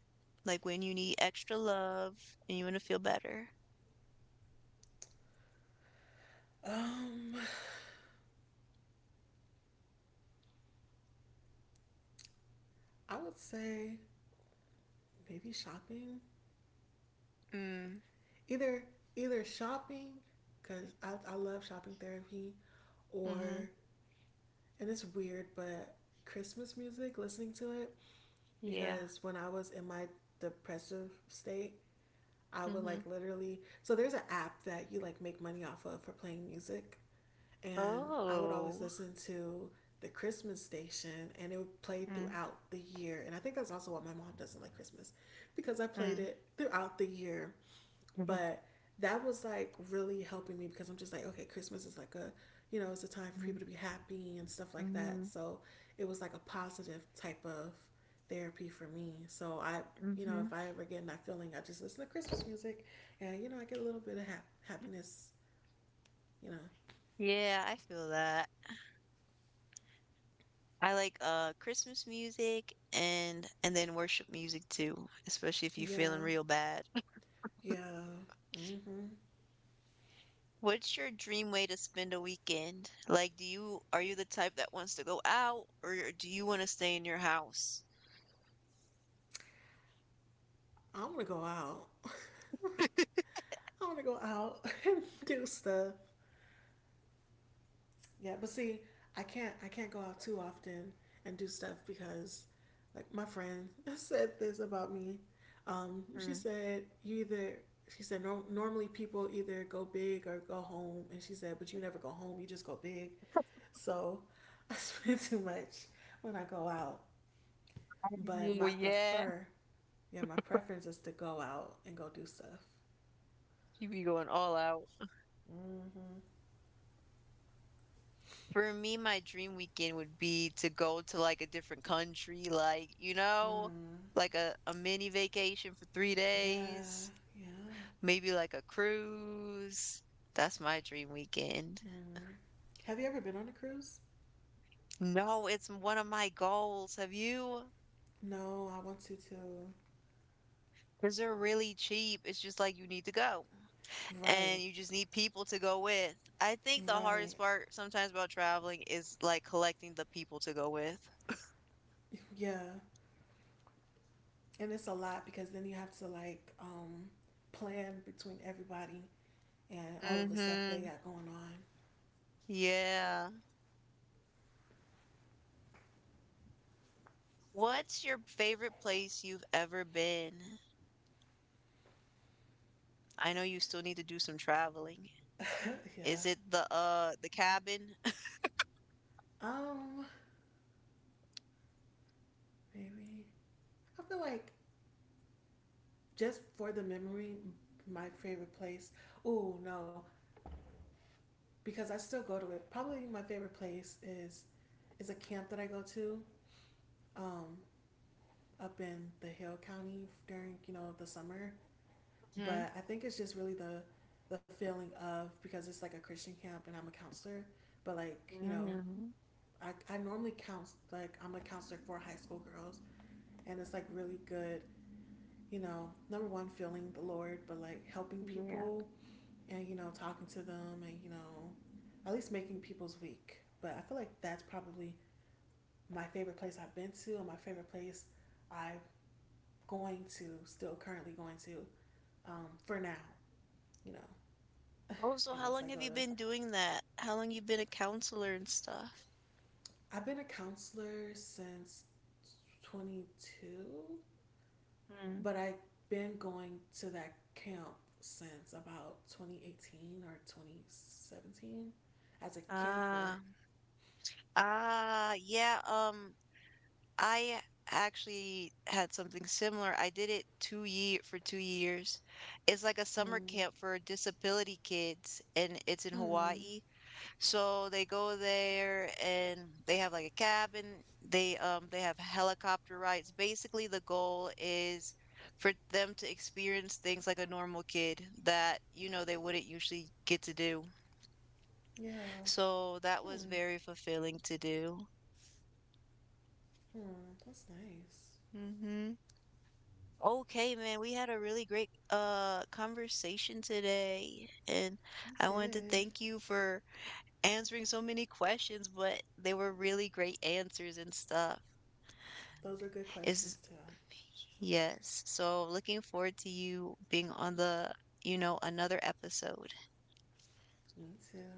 Like when you need extra love and you want to feel better.
Um, I would say maybe shopping.
Mm.
Either Either shopping, cause I I love shopping therapy,
Mm-hmm.
or, and it's weird, but Christmas music, listening to it.
Yeah.
Because when I was in my depressive state, I would
Mm-hmm.
like literally. So there's an app that you like make money off of for playing music, and I would always
Oh.
listen to the Christmas station, and it would play
Mm.
throughout the year. And I think that's also why my mom doesn't like Christmas, because I played
Mm.
it throughout the year.
Mm-hmm.
But that was like really helping me because I'm just like, okay, Christmas is like a, you know, it's a time for people to be happy and stuff like that. So it was like a positive type of therapy for me. So I, you know,
Mm-hmm.
if I ever get in that feeling, I just listen to Christmas music and, you know, I get a little bit of hap- happiness, you know.
Yeah, I feel that. I like uh Christmas music and and then worship music too, especially if you're feeling
Yeah,
real bad.
yeah. Mm-hmm.
What's your dream way to spend a weekend? Like, do you are you the type that wants to go out or do you want to stay in your house?
I want to go out. I want to go out and do stuff. Yeah, but see, I can't I can't go out too often and do stuff because like my friend said this about me. Um, she
Mm.
said you either she said, "Nor- normally people either go big or go home, and she said but you never go home, you just go big." So I spend too much when I go out, but
Oh,
my
yeah,
prefer yeah, my preference is to go out and go do stuff.
you be going all out.
Mhm.
For me, my dream weekend would be to go to like a different country, like, you know,
Mm.
like a, a mini vacation for three
Yeah.
days. Maybe like a cruise. That's my dream weekend.
Mm. Have you ever been on a cruise?
No, it's one of my goals. Have you?
No, I want to too.
Because they're really cheap. It's just like you need to go
Right,
and you just need people to go with. I think the
right.
hardest part sometimes about traveling is like collecting the people to go with.
Yeah. And it's a lot because then you have to like um plan between everybody and all of the stuff they
Mm-hmm.
got going on.
Yeah. What's your favorite place you've ever been? I know you still need to do some traveling.
Yeah.
Is it the uh the cabin?
Um, Maybe. I feel like just for the memory, my favorite place. Oh no, because I still go to it. Probably my favorite place is is a camp that I go to um up in the Hill County during you know the summer. But I think it's just really the the feeling of, because it's like a Christian camp and I'm a counselor, but like you know,
Mm-hmm.
I I normally counsel, like I'm a counselor for high school girls, and it's like really good. You know, number one, feeling the Lord, but like helping
Yeah.
people and you know talking to them and you know, at least making people's week. But I feel like that's probably my favorite place I've been to, and my favorite place I'm going to, still currently going to, um, for now, you know,
Oh, so how
unless
long
I go
have you been
to
doing that? How long you been a counselor and stuff?
I've been a counselor since 22,
Mm.
but I've been going to that camp since about twenty eighteen or twenty seventeen as a camper.
Ah, ah, yeah. Um, I actually had something similar. I did it two year for two years. It's like a summer
Hmm.
camp for disability kids, and it's in
Hmm.
Hawaii. So they go there and they have like a cabin. They um they have helicopter rides. Basically, the goal is for them to experience things like a normal kid that, you know, they wouldn't usually get to do.
Yeah.
So that was
Hmm.
very fulfilling to do.
Hmm. That's nice.
Hmm. Okay, man, we had a really great uh conversation today, and
You
I wanted to
did.
thank you for answering so many questions, but they were really great answers and stuff.
Those were good
Is
questions too.
yes. So looking forward to you being on the, you know, another episode.
Me too.